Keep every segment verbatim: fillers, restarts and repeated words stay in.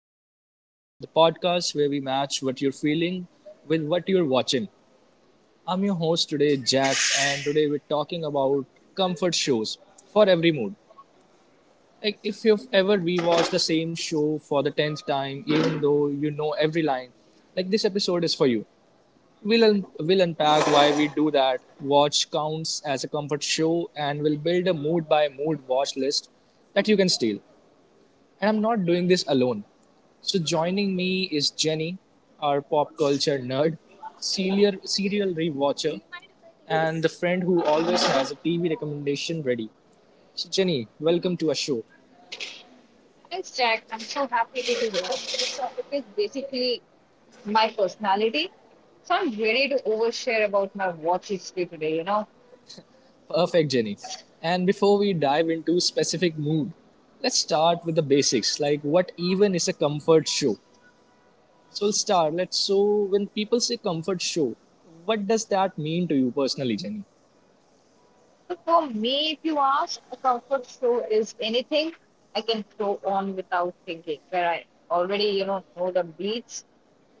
Comfort Q, the podcast where we match what you're feeling with what you're watching. I'm your host today, Jack, and today we're talking about comfort shows for every mood. Like, if you've ever rewatched the same show for the tenth time, even though you know every line, like this episode is for you. We'll, un- we'll unpack why we do that, watch counts as a comfort show, and we'll build a mood by mood watch list that you can steal. And I'm not doing this alone. So joining me is Jenny, our pop culture nerd, serial serial rewatcher, and the friend who always has a T V recommendation ready. So Jenny, welcome to our show. Thanks, Jack. I'm so happy this is over. This topic is basically my personality. So I'm ready to overshare about my watch history today, you know. Perfect, Jenny. And before we dive into specific mood, let's start with the basics. Like what even is a comfort show? So we'll start. Let's so when people say comfort show, what does that mean to you personally, Jenny? So for me, if you ask, a comfort show is anything I can throw on without thinking, where I already, you know, know the beats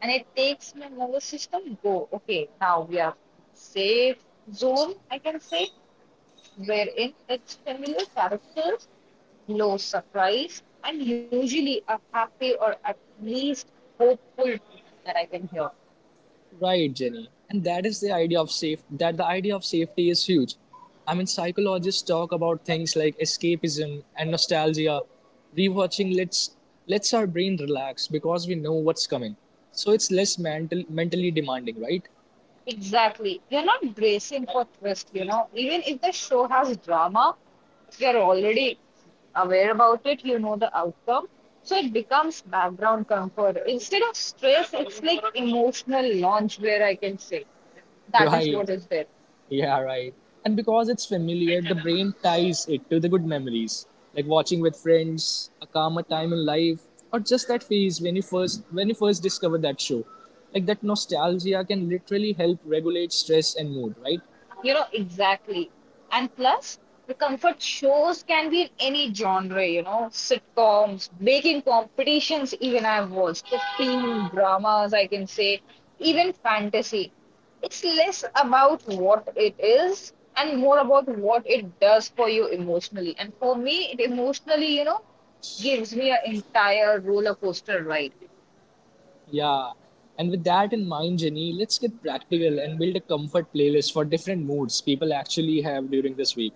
and it takes my nervous system go, okay, now we are in safe zone, I can say, wherein it's familiar characters. No surprise. I'm usually a happy or at least hopeful tone that I can hear. Right, Jenny. And that is the idea of safe that the idea of safety is huge. I mean psychologists talk about things like escapism and nostalgia. Rewatching lets lets our brain relax because we know what's coming. So it's less mental mentally demanding, right? Exactly. You're not bracing for twist, you know. Even if the show has drama, you're already aware about it, you know the outcome. So it becomes background comfort. Instead of stress, it's like emotional launch where I can say that is Right. what is there. Yeah, right. And because it's familiar, the brain ties it to the good memories, like watching with friends, a calmer time in life, or just that phase when you first when you first discovered that show. Like that nostalgia can literally help regulate stress and mood, right? You know, exactly. And plus, the comfort shows can be in any genre, you know, sitcoms, baking competitions, even I've watched, it, dramas, I can say, even fantasy. It's less about what it is and more about what it does for you emotionally. And for me, it emotionally, you know, gives me an entire roller coaster ride. Yeah. And with that in mind, Jenny, let's get practical and build a comfort playlist for different moods people actually have during this week.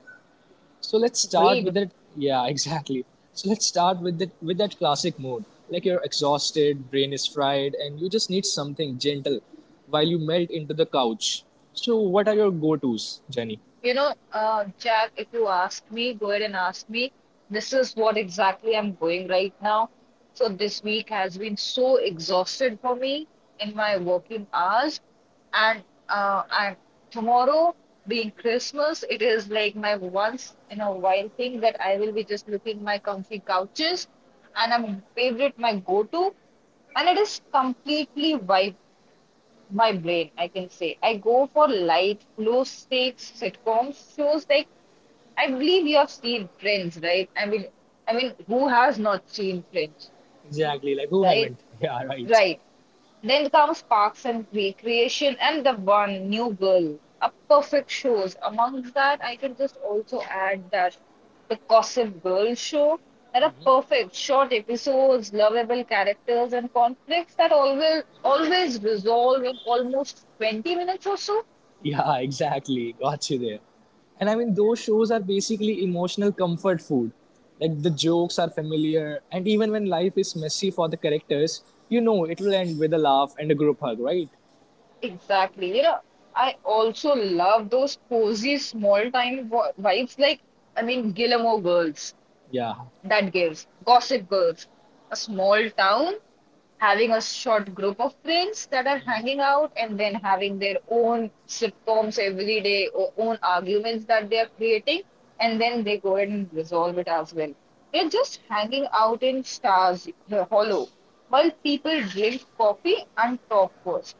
So let's start with Read. that. Yeah, exactly. So let's start with that with that classic mode. Like you're exhausted, brain is fried, and you just need something gentle while you melt into the couch. So what are your go-tos, Jenny? You know, uh, Jack, if you ask me, go ahead and ask me. This is what exactly I'm going right now. So this week has been so exhausted for me in my working hours, and uh, and tomorrow being Christmas, it is like my once in a while thing that I will be just looking my comfy couches, and I'm favorite my go-to, and it is completely vibe my brain, I can say. I go for light, low stakes sitcoms, shows like I believe you have seen Friends, right? I mean, I mean, who has not seen Friends, Exactly. Like who right? haven't? Yeah, right. Right. Then comes Parks and Recreation and the one New Girl, a perfect shows. Amongst that, I can just also add that the Gossip Girl show. There are perfect short episodes, lovable characters, and conflicts that always always resolve in almost twenty minutes or so. Yeah, exactly. Got you there. And I mean, those shows are basically emotional comfort food. Like the jokes are familiar, and even when life is messy for the characters, you know it will end with a laugh and a group hug, right? Exactly. You know, I also love those cozy small time vo- vibes like I mean Gilmore Girls Yeah. that gives Gossip Girls a small town having a short group of friends that are hanging out and then having their own sitcoms every day or own arguments that they are creating and then they go ahead and resolve it as well. They're just hanging out in Stars uh, Hollow while people drink coffee and talk first.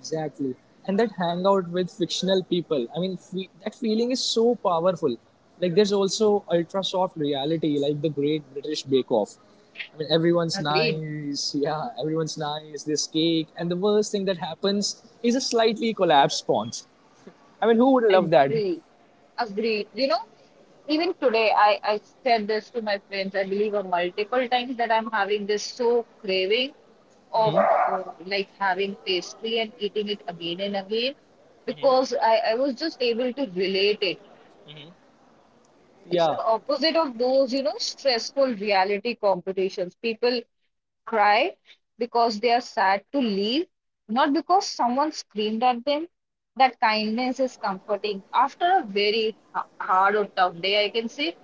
Exactly. And that hangout with fictional people, I mean, fe- that feeling is so powerful. Like, there's also ultra soft reality, like the Great British Bake Off. I mean, everyone's Agreed. nice. Yeah, everyone's nice. This cake. And the worst thing that happens is a slightly collapsed sponge. I mean, who would love that? Agree. Agree. You know, even today, I, I said this to my friends, I believe, uh, multiple times that I'm having this so craving of uh, like having pastry and eating it again and again because I, I was just able to relate it. It's the Yeah. opposite of those, you know, stressful reality competitions. People cry because they are sad to leave, not because someone screamed at them. That kindness is comforting after a very h- hard or tough day. I can say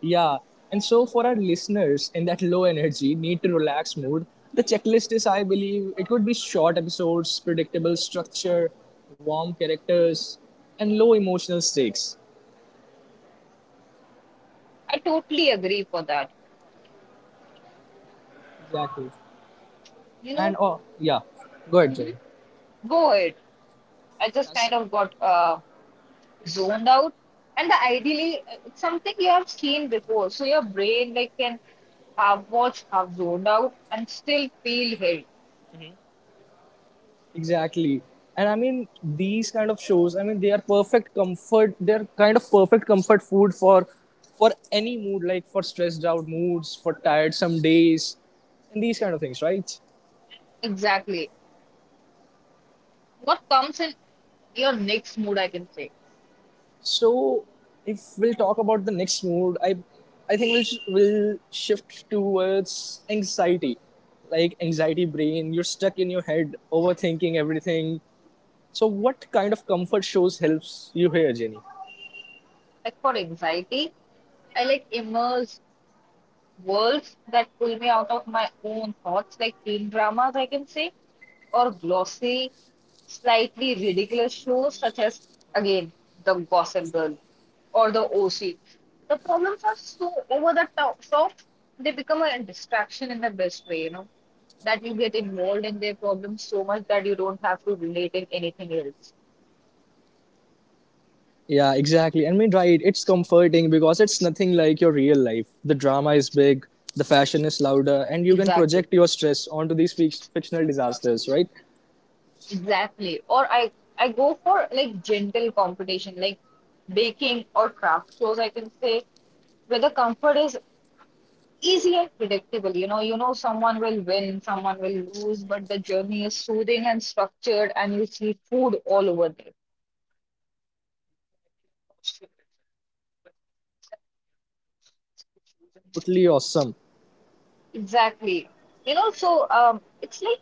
Yeah. And so for our listeners in that low energy, need to relax mood, the checklist is, I believe, it could be short episodes, predictable structure, warm characters, and low emotional stakes. I totally agree for that. Exactly. You And know, oh, yeah. Go ahead, Jay. mhm, go ahead. I just Yes. kind of got uh, zoned out. And the ideally, uh, it's something you have seen before, so your brain like can half watch, half zoned out, and still feel held. Exactly. And I mean, these kind of shows, I mean, they are perfect comfort. They're kind of perfect comfort food for for any mood, like for stressed out moods, for tired some days, and these kind of things, right? Exactly. What comes in your next mood, I can say. So, if we'll talk about the next mood, I, I think we'll, sh- we'll shift towards anxiety. Like anxiety brain, you're stuck in your head, overthinking everything. So, what kind of comfort shows helps you here, Jenny? Like for anxiety, I like immerse worlds that pull me out of my own thoughts, like teen dramas, I can say, or glossy, slightly ridiculous shows such as, again, The Gossip Girl or The O C. The problems are so over the top, so they become a distraction in the best way, you know, that you get involved in their problems so much that you don't have to relate in anything else. Yeah, exactly. I mean, right, it's comforting because it's nothing like your real life. The drama is big, the fashion is louder, and you can Exactly. project your stress onto these fic- fictional disasters, right? Exactly. Or I I go for like gentle competition, like baking or craft shows. I can say where the comfort is easy and predictable. You know, you know someone will win, someone will lose, but the journey is soothing and structured, and you see food all over there. Yeah, I think I've lost you there, Jenny, but ex- exactly, I mean that these kind of shows are totally awesome, Exactly. You know, so um, it's like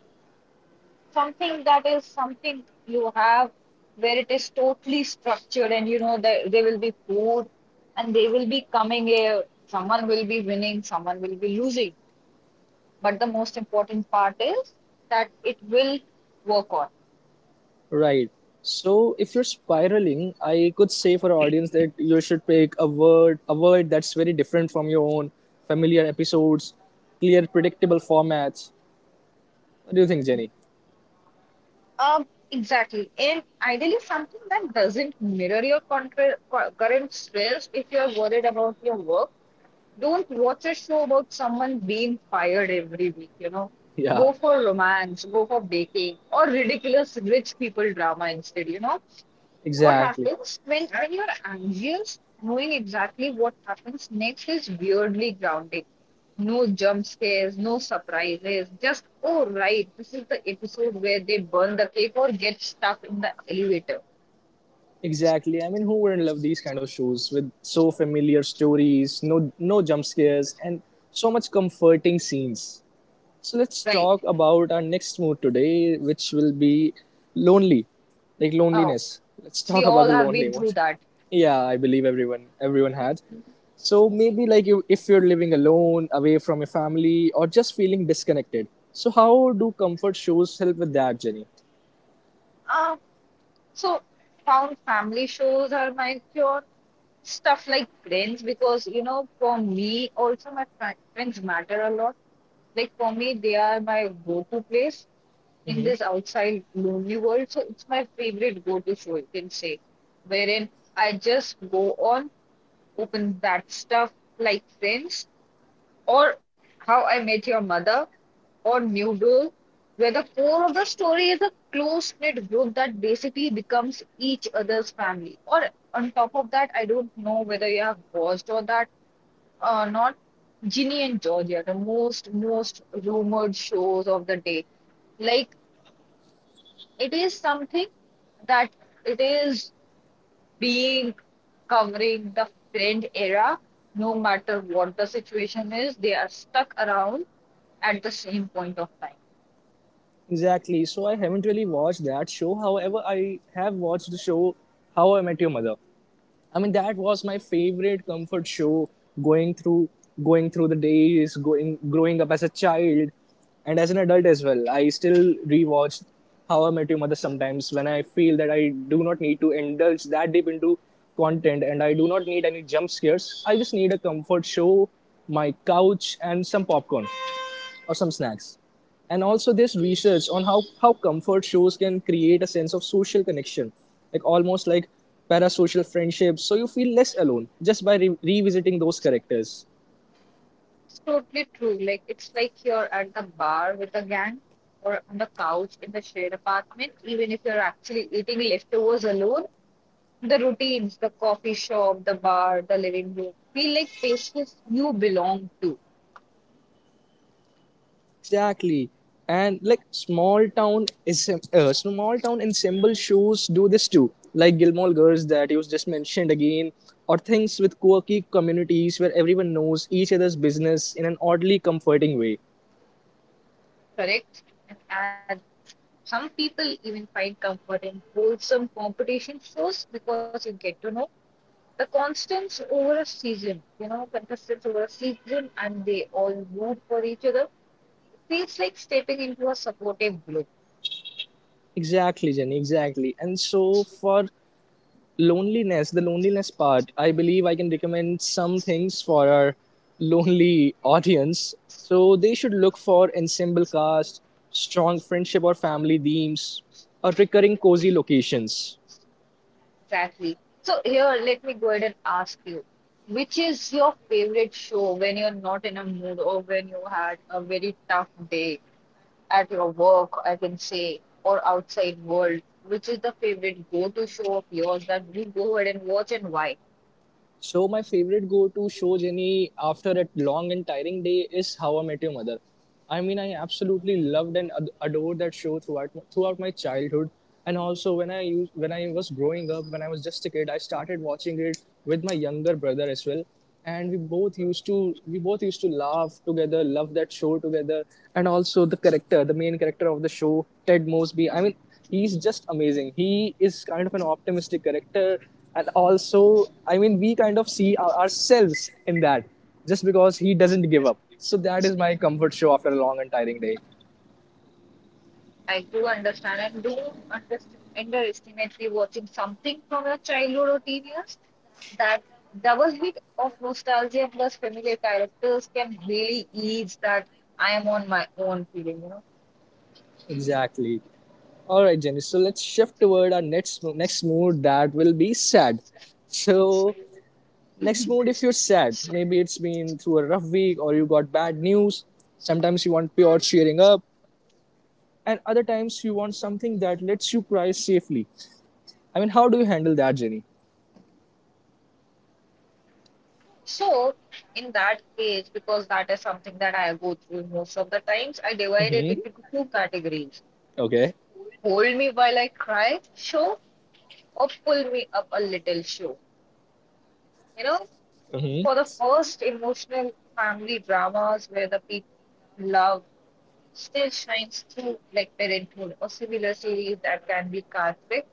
something that is something you have where it is totally structured and you know that there will be food and they will be coming here, someone will be winning, someone will be losing, but the most important part is that it will work on. right? So if you're spiraling, I could say for our audience that you should pick a word a word that's very different from your own familiar episodes, clear predictable formats. What do you think, Jenny? um exactly, and ideally something that doesn't mirror your contra- cu- current stress. If you're worried about your work, don't watch a show about someone being fired every week, you know. Go Yeah, for romance, go for baking, or ridiculous rich people drama instead, you know. What exactly. happens when, when you're anxious, knowing exactly what happens next is weirdly grounding. No jump scares, no surprises, just, oh, right, this is the episode where they burn the cake or get stuck in the elevator. Exactly, I mean who wouldn't love these kind of shows with so familiar stories, no no jump scares, and so much comforting scenes. So let's Right. talk about our next mood today, which will be lonely, like Oh, loneliness. Let's we talk about all the have lonely been mood. through that. Yeah, I believe everyone everyone had. So maybe like you, if you're living alone, away from your family, or just feeling disconnected. So how do comfort shows help with that, Jenny? Um, so found family shows are my cure. Stuff like friends, because you know, for me also my fri- friends matter a lot. Like for me, they are my go-to place in this outside lonely world. So it's my favorite go-to show, you can say, wherein I just go on, open that stuff like friends or how I met your mother or New Girl, where the core of the story is a close knit group that basically becomes each other's family. Or on top of that, I don't know whether you have watched or that or not. Ginny and Georgia, the most most rumored shows of the day. Like it is something that it is being covering the friend era, no matter what the situation is, they are stuck around at the same point of time. Exactly. So I haven't really watched that show. However, I have watched the show How I Met Your Mother. I mean, that was my favorite comfort show going through going through the days, going growing up as a child and as an adult as well. I still rewatch How I Met Your Mother sometimes when I feel that I do not need to indulge that deep into content and I do not need any jump scares. I just need a comfort show, my couch and some popcorn or some snacks. And also this research on how, how comfort shows can create a sense of social connection, like almost like parasocial friendships. So you feel less alone just by re- revisiting those characters. It's totally true. Like it's like you're at the bar with the gang or on the couch in the shared apartment, even if you're actually eating leftovers alone, the routines, the coffee shop, the bar, the living room feel like places you belong to, Exactly. And like small town is uh, small town ensemble shows do this too, like Gilmore Girls that you just mentioned again, or things with quirky communities where everyone knows each other's business in an oddly comforting way. correct? And add some people even find comfort in wholesome competition shows because you get to know the constants over a season, you know, contestants over a season and they all root for each other. It feels like stepping into a supportive group. Exactly, Jenny, exactly. And so for loneliness, the loneliness part, I believe I can recommend some things for our lonely audience. So they should look for ensemble cast, strong friendship or family themes, or recurring cozy locations. Exactly. So here, let me go ahead and ask you, which is your favorite show when you're not in a mood or when you had a very tough day at your work, I can say, or outside world? Which is the favorite go-to show of yours that you go ahead and watch and why? So my favorite go-to show, Jenny, after a long and tiring day, is How I Met Your Mother. I mean, I absolutely loved and ad- adored that show throughout throughout my childhood, and also when I used, when I was growing up, when I was just a kid, I started watching it with my younger brother as well, and we both used to we both used to laugh together, love that show together, and also the character, the main character of the show, Ted Mosby. I mean, he's just amazing. He is kind of an optimistic character and also, I mean, we kind of see ourselves in that just because he doesn't give up. So that is my comfort show after a long and tiring day. I do understand and don't understand underestimate watching something from your childhood or teen years. That double hit of nostalgia plus familiar characters can really ease that I am on my own feeling, you know. Exactly. All right, Jenny, so let's shift toward our next next mood, that will be sad. So next mood, if you're sad, maybe it's been through a rough week or you got bad news. Sometimes you want pure cheering up and other times you want something that lets you cry safely. I mean, how do you handle that, Jenny? So, in that case, because that is something that I go through most of the times, I divide it Mm-hmm. into two categories. Okay. Hold me while I cry, show, or pull me up a little, show. You know, Mm-hmm. for the first emotional family dramas where the people love still shines through like parenthood or similar series that can be cathartic.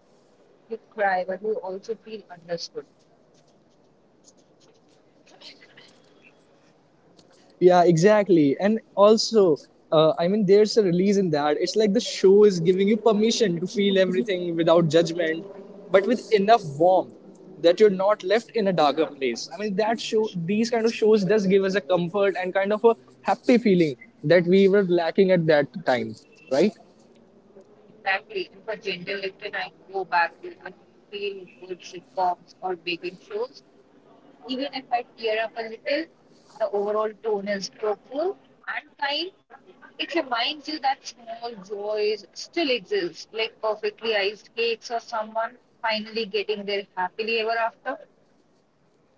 You cry, but you also feel understood. Yeah, exactly. And also, uh, I mean, there's a release in that. It's like the show is giving you permission to feel everything without judgment, but with enough warmth that you're not left in a darker place. I mean, that show, these kind of shows does give us a comfort and kind of a happy feeling that we were lacking at that time, right? Exactly. And for gender, you can I go back to you feel good sitcoms or baking shows. Even if I tear up a little, the overall tone is hopeful and kind. It reminds you that small joys still exist, like perfectly iced cakes or someone finally getting there happily ever after.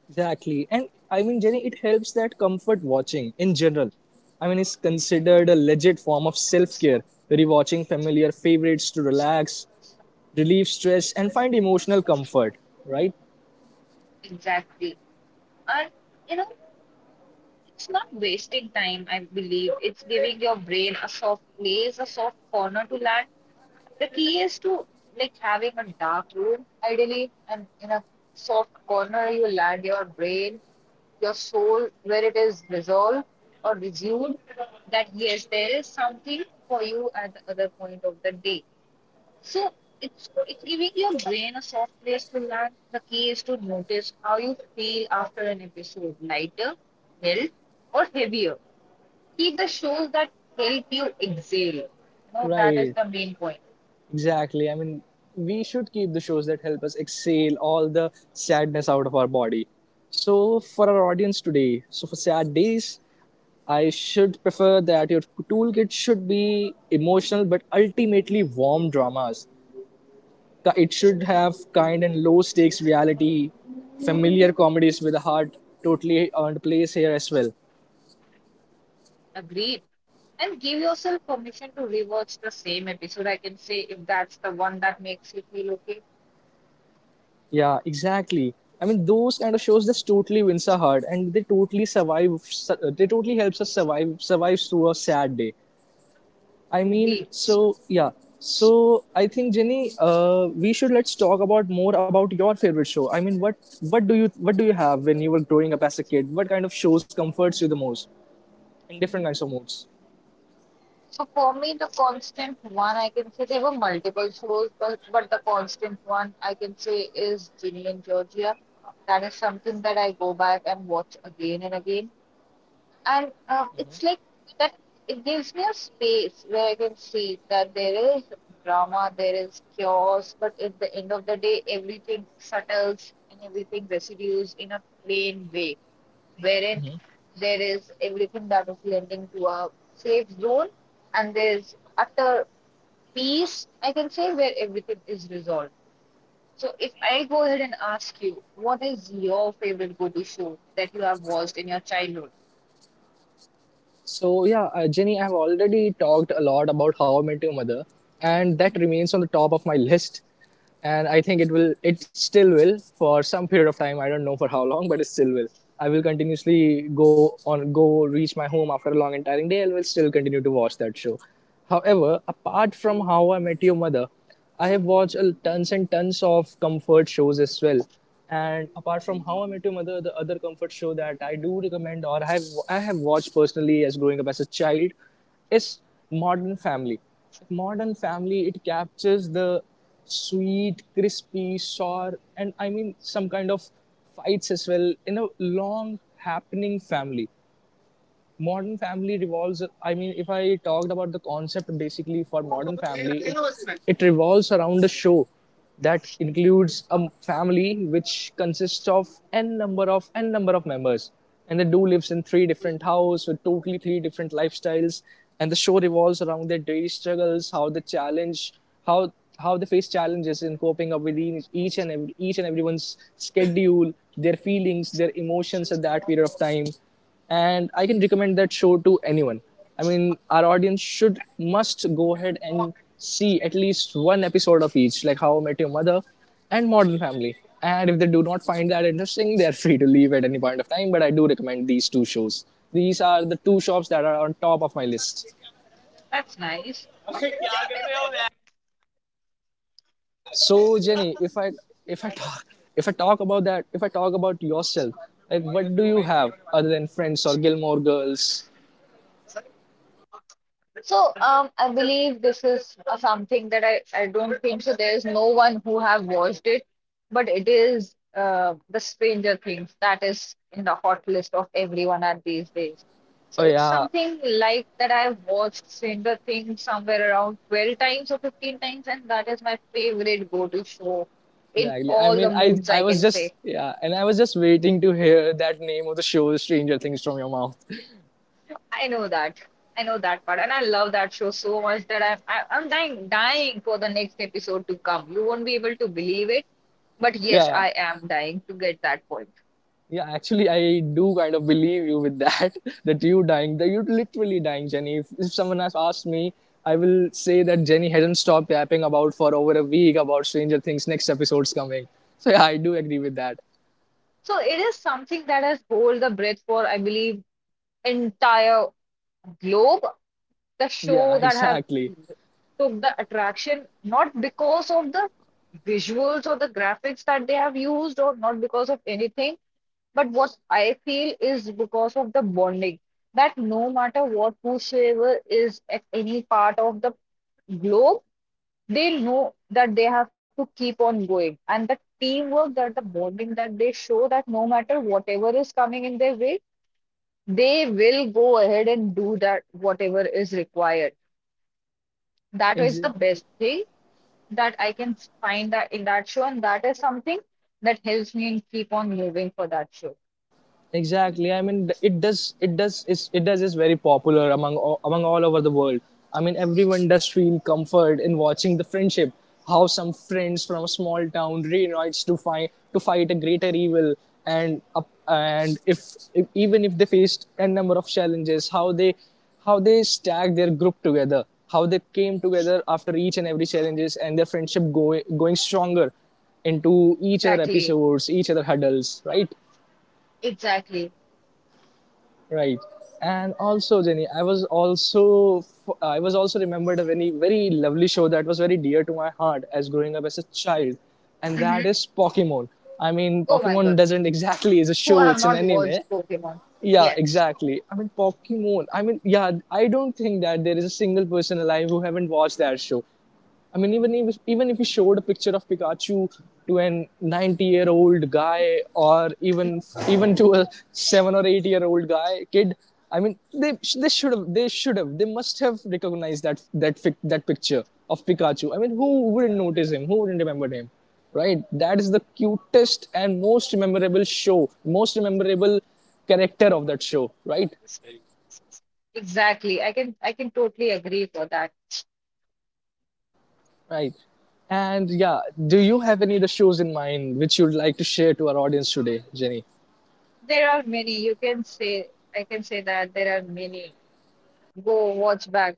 Exactly. And I mean, Jenny, it helps that comfort watching in general. I mean, it's considered a legit form of self care, rewatching familiar favorites to relax, relieve stress and find emotional comfort, right? Exactly. And you know, it's not wasting time, I believe. It's giving your brain a soft place, a soft corner to land. The key is to like having a dark room, ideally, and in a soft corner you land your brain, your soul, where it is resolved or resumed, that yes, there is something for you at the other point of the day. So it's it's giving your brain a soft place to land. The key is to notice how you feel after an episode, lighter, held, or heavier. Keep the shows that help you exhale. You know, that is Right, the main point. exactly. I mean, we should keep the shows that help us exhale all the sadness out of our body. So for our audience today, so for sad days, I should prefer that your toolkit should be emotional but ultimately warm dramas. Ki- it should have kind and low stakes reality, familiar comedies with a heart, totally earned place here as well. Agreed. And give yourself permission to rewatch the same episode. I can say if that's the one that makes you feel okay. Yeah, exactly. I mean, those kind of shows just totally wins our heart, and they totally survive. su- uh, They totally helps us survive survives through a sad day. I mean, Agreed. so yeah. So I think Jenny, uh, we should, let's talk about more about your favorite show. I mean, what what do you what do you have when you were growing up as a kid? What kind of shows comforts you the most in different kinds of moods? So for me, the constant one, I can say there were multiple shows, but but the constant one I can say is Ginny and Georgia. That is something that I go back and watch again and again, and uh, it's like that. It gives me a space where I can see that there is drama, there is chaos, but at the end of the day, everything settles and everything residues in a plain way wherein there is everything that is lending to a safe zone and there's utter peace, I can say, where everything is resolved. So if I go ahead and ask you, what is your favorite go-to show that you have watched in your childhood? So yeah, uh, Jenny, I have already talked a lot about How I Met Your Mother, and Mhm. that remains on the top of my list. And I think it will, it still will for some period of time. I don't know for how long, but it still will. I will continuously go on, go reach my home after a long and tiring day, and will still continue to watch that show. However, apart from How I Met Your Mother, I have watched a tons and tons of comfort shows as well. And apart from How I Met Your Mother, the other comfort show that I do recommend or I have I have watched personally as growing up as a child is Modern Family. Modern Family, it captures the sweet, crispy, sour, and I mean some kind of fights as well in a long happening family. Modern family revolves i mean if i talked about the concept, basically for modern family it, it revolves around a show that includes a family which consists of n number of n number of members, and they do lives in three different houses with totally three different lifestyles. And the show revolves around their daily struggles, how they challenge how how they face challenges in coping up with each, and every, each and everyone's schedule, their feelings, their emotions at that period of time. And I can recommend that show to anyone. I mean, our audience should must go ahead and see at least one episode of each, like How I Met Your Mother and Modern Family. And if they do not find that interesting, they are free to leave at any point of time. But I do recommend these two shows. These are the two shows that are on top of my list. That's nice. So Jenny, if I if I talk if I talk about that, if I talk about yourself, like what do you have other than Friends or Gilmore Girls? So, um, I believe this is uh, something that I, I don't think so. There is no one who have watched it, but it is uh, the Stranger Things that is in the hot list of everyone at these days. So Oh it's yeah. something like that. I've watched Stranger Things somewhere around twelve times or fifteen times, and that is my favorite go-to show in Exactly. I all mean, the I moods, I I was can say. just yeah, and I was just waiting to hear that name of the show, Stranger Things, from your mouth. I know that. I know that part, and I love that show so much that I'm I, I'm dying dying for the next episode to come. You won't be able to believe it, but yes, Yeah, I am dying to get that point. yeah. Actually, I do kind of believe you with that. That you dying, that you literally dying, Jenny. If, if someone has asked me, I will say that Jenny hasn't stopped yapping about for over a week about Stranger Things. Next episode's coming. So yeah, I do agree with that. So it is something that has hold the breath for, I believe, entire globe. The Yeah, show that have exactly. took the attraction not because of the visuals or the graphics that they have used, or not because of anything, but what I feel is because of the bonding that no matter what, whosoever is at any part of the globe, they know that they have to keep on going. And the teamwork that the bonding that they show that no matter whatever is coming in their way, they will go ahead and do that whatever is required. That is the Exactly, best thing that I can find that in that show, and that is something that helps me keep on moving for that show. exactly. I mean, it does it does is it does is very popular among among all over the world. I mean, everyone does feel comfort in watching the friendship, how some friends from a small town reunites to fight to fight a greater evil. And up, and if, if even if they faced a number of challenges, how they how they stack their group together, how they came together after each and every challenges, and their friendship go, going stronger into each other Exactly. episodes, each other huddles, right? Exactly. Right. And also, Jenny, I was also I was also remembered a very very lovely show that was very dear to my heart as growing up as a child, and that Mhm. is Pokemon. I mean, Oh my Pokemon God. doesn't exactly is a Who show; have it's an not anime. watched Pokemon? Yeah, Yes, exactly. I mean, Pokemon. I mean, yeah, I don't think that there is a single person alive who haven't watched that show. I mean, even if, even if you showed a picture of Pikachu to an 90 year old guy, or even even to a seven or eight year old guy kid, I mean, they they should have they should have they must have recognized that that fic, that picture of Pikachu. I mean, who wouldn't notice him? Who wouldn't remember him? Right? That is the cutest and most memorable show, most memorable character of that show. Right? exactly. I can I can totally agree for that. Right. And yeah, do you have any other shows in mind which you'd like to share to our audience today, Jenny? There are many. You can say I can say that there are many. Go watch back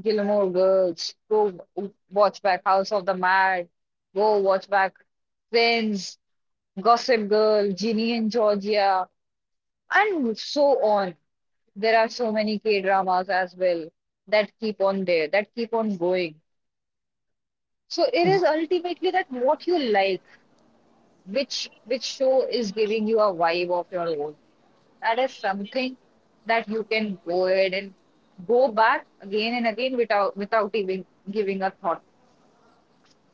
Gilmore Girls. Go watch back House of the Mad. Go watch back Friends, Gossip Girl, Ginny and Georgia, and so on. There are so many K dramas as well that keep on there, that keep on going. So it is Ex- ultimately that what you like, which which show is giving you a vibe of your own. That is something that you can go ahead and go back again and again without without even giving a thought.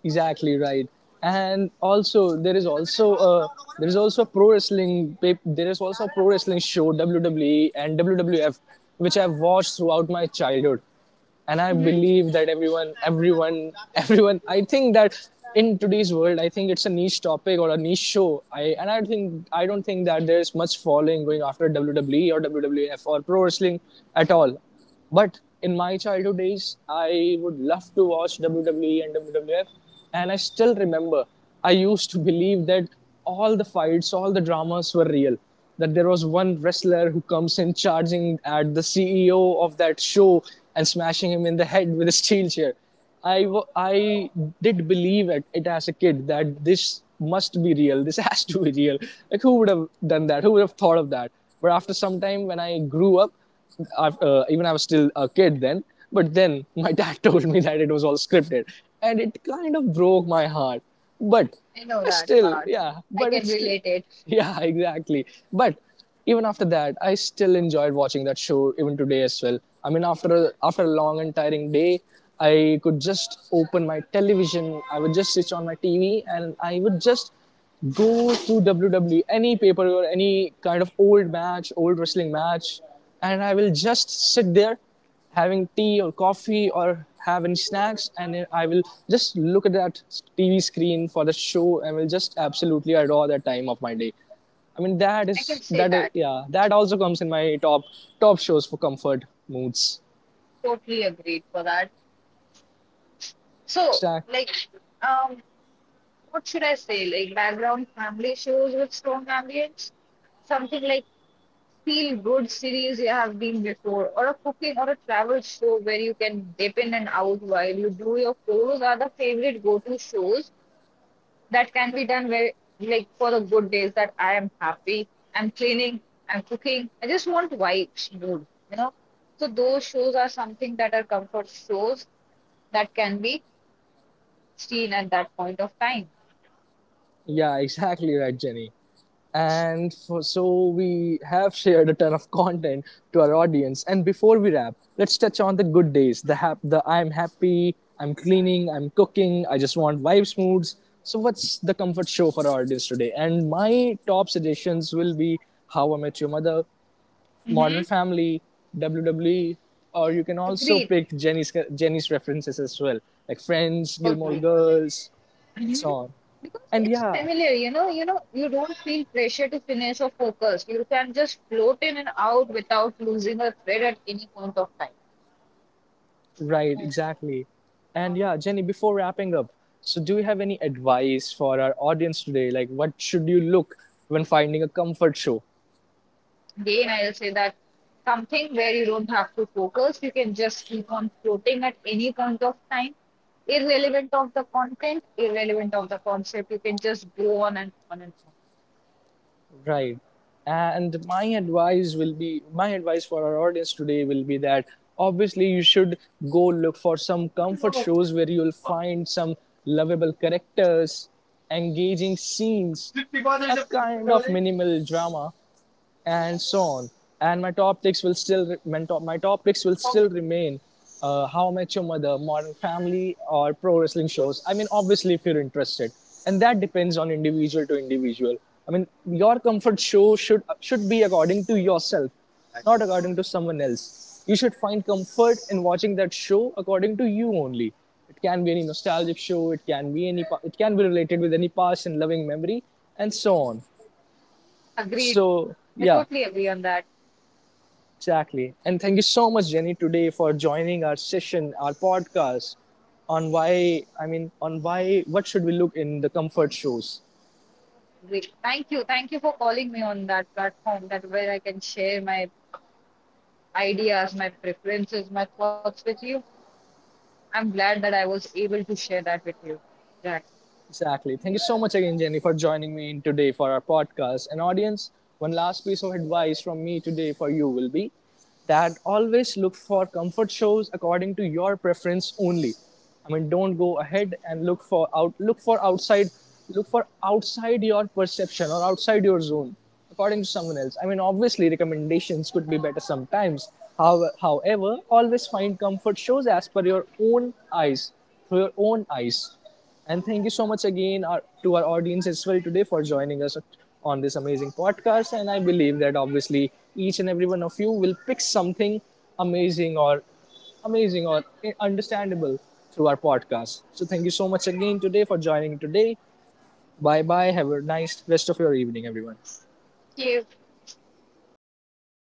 exactly, right. And also, there is also a there is also a pro wrestling pa- there is also a pro wrestling show, W W E and W W F, which I've watched throughout my childhood. And I Mhm. believe that everyone everyone everyone I think that in today's world, I think it's a niche topic or a niche show. I and i think i don't think that there's much following going after WWE or WWF or pro wrestling at all. But in my childhood days, I would love to watch WWE and WWF. And I still remember I used to believe that all the fights, all the dramas were real. That there was one wrestler who comes in charging at the C E O of that show and smashing him in the head with a steel chair. I, I did believe it, it as a kid that this must be real. This has to be real. Like, who would have done that? Who would have thought of that? But after some time, when I grew up, I, uh, even I was still a kid then, but then my dad told me that it was all scripted. And it kind of broke my heart, but I know uh, that still, part. yeah, I but can it's still, relate it. yeah, exactly. But even after that, I still enjoyed watching that show even today as well. I mean, after a, after a long and tiring day, I could just open my television. I would just switch on my T V, and I would just go to W W E, any paper or any kind of old match, old wrestling match, and I will just sit there having tea or coffee or have any snacks. And I will just look at that TV screen for the show and will just absolutely adore that time of my day. I mean, that I can is say that uh, that. yeah, that also comes in my top top shows for comfort moods. Totally agreed for that. So Exact- like, um what should I say? Like background family shows with strong ambience? Something like feel good series you have been before, or a cooking or a travel show where you can dip in and out while you do your chores are the favorite go to shows that can be done where, like, for the good days that I am happy, I'm cleaning, I'm cooking, I just want vibes, mood, you know. So, those shows are something that are comfort shows that can be seen at that point of time. yeah, exactly, right, Jenny. And for, so we have shared a ton of content to our audience, and before we wrap, let's touch on the good days, the hap- the I'm happy, I'm cleaning, I'm cooking, I just want vibes, moods. So what's the comfort show for our audience today? And my top suggestions will be How I Met Your Mother, Modern Hmm. Family, WWE, or you can also Agreed. pick jenny's Jenny's references as well, like Friends, Gilmore Agreed. Girls, and Mhm. so on. Because And it's yeah. familiar, you know, you know, you don't feel pressure to finish or focus. You can just float in and out without losing a thread at any point of time. Right, exactly. And yeah, Jenny, before wrapping up, so do you have any advice for our audience today? Like, what should you look when finding a comfort show? Again, I'll say that something where you don't have to focus, you can just keep on floating at any point of time, irrelevant of the content, irrelevant of the concept. You can just go on and on and on. Right. And my advice will be my advice for our audience today will be that obviously you should go look for some comfort shows where you'll find some lovable characters, engaging scenes, a kind of minimal drama, and so on. And my top picks will still my top my top picks will still remain uh, How I Met Your Mother, Modern Family, or pro wrestling shows. I mean, obviously, if you're interested, and that depends on individual to individual. I mean, your comfort show should should be according to yourself, not according to someone else. You should find comfort in watching that show according to you only. It can be any nostalgic show. It can be any. It can be related with any past and loving memory, and so on. Agreed. So I yeah. totally agree on that. Exactly. And thank you so much, Jenny, today for joining our session, our podcast on why, I mean, on why, what should we look in the comfort shoes. Great. Thank you. Thank you for calling me on that platform that where I can share my ideas, my preferences, my thoughts with you. I'm glad that I was able to share that with you, Jack. Exactly. Thank you so much again, Jenny, for joining me in today for our podcast. And audience, one last piece of advice from me today for you will be that always look for comfort shows according to your preference only. I mean, don't go ahead and look for out look for outside look for outside your perception or outside your zone according to someone else. I mean, obviously recommendations could be better sometimes. How, however, always find comfort shows as per your own eyes, through your own eyes. And thank you so much again our, to our audience as well today for joining us on this amazing podcast. And I believe that obviously each and every one of you will pick something amazing or amazing or understandable through our podcast. So thank you so much again today for joining today. Bye bye. Have a nice rest of your evening, everyone. Thank you.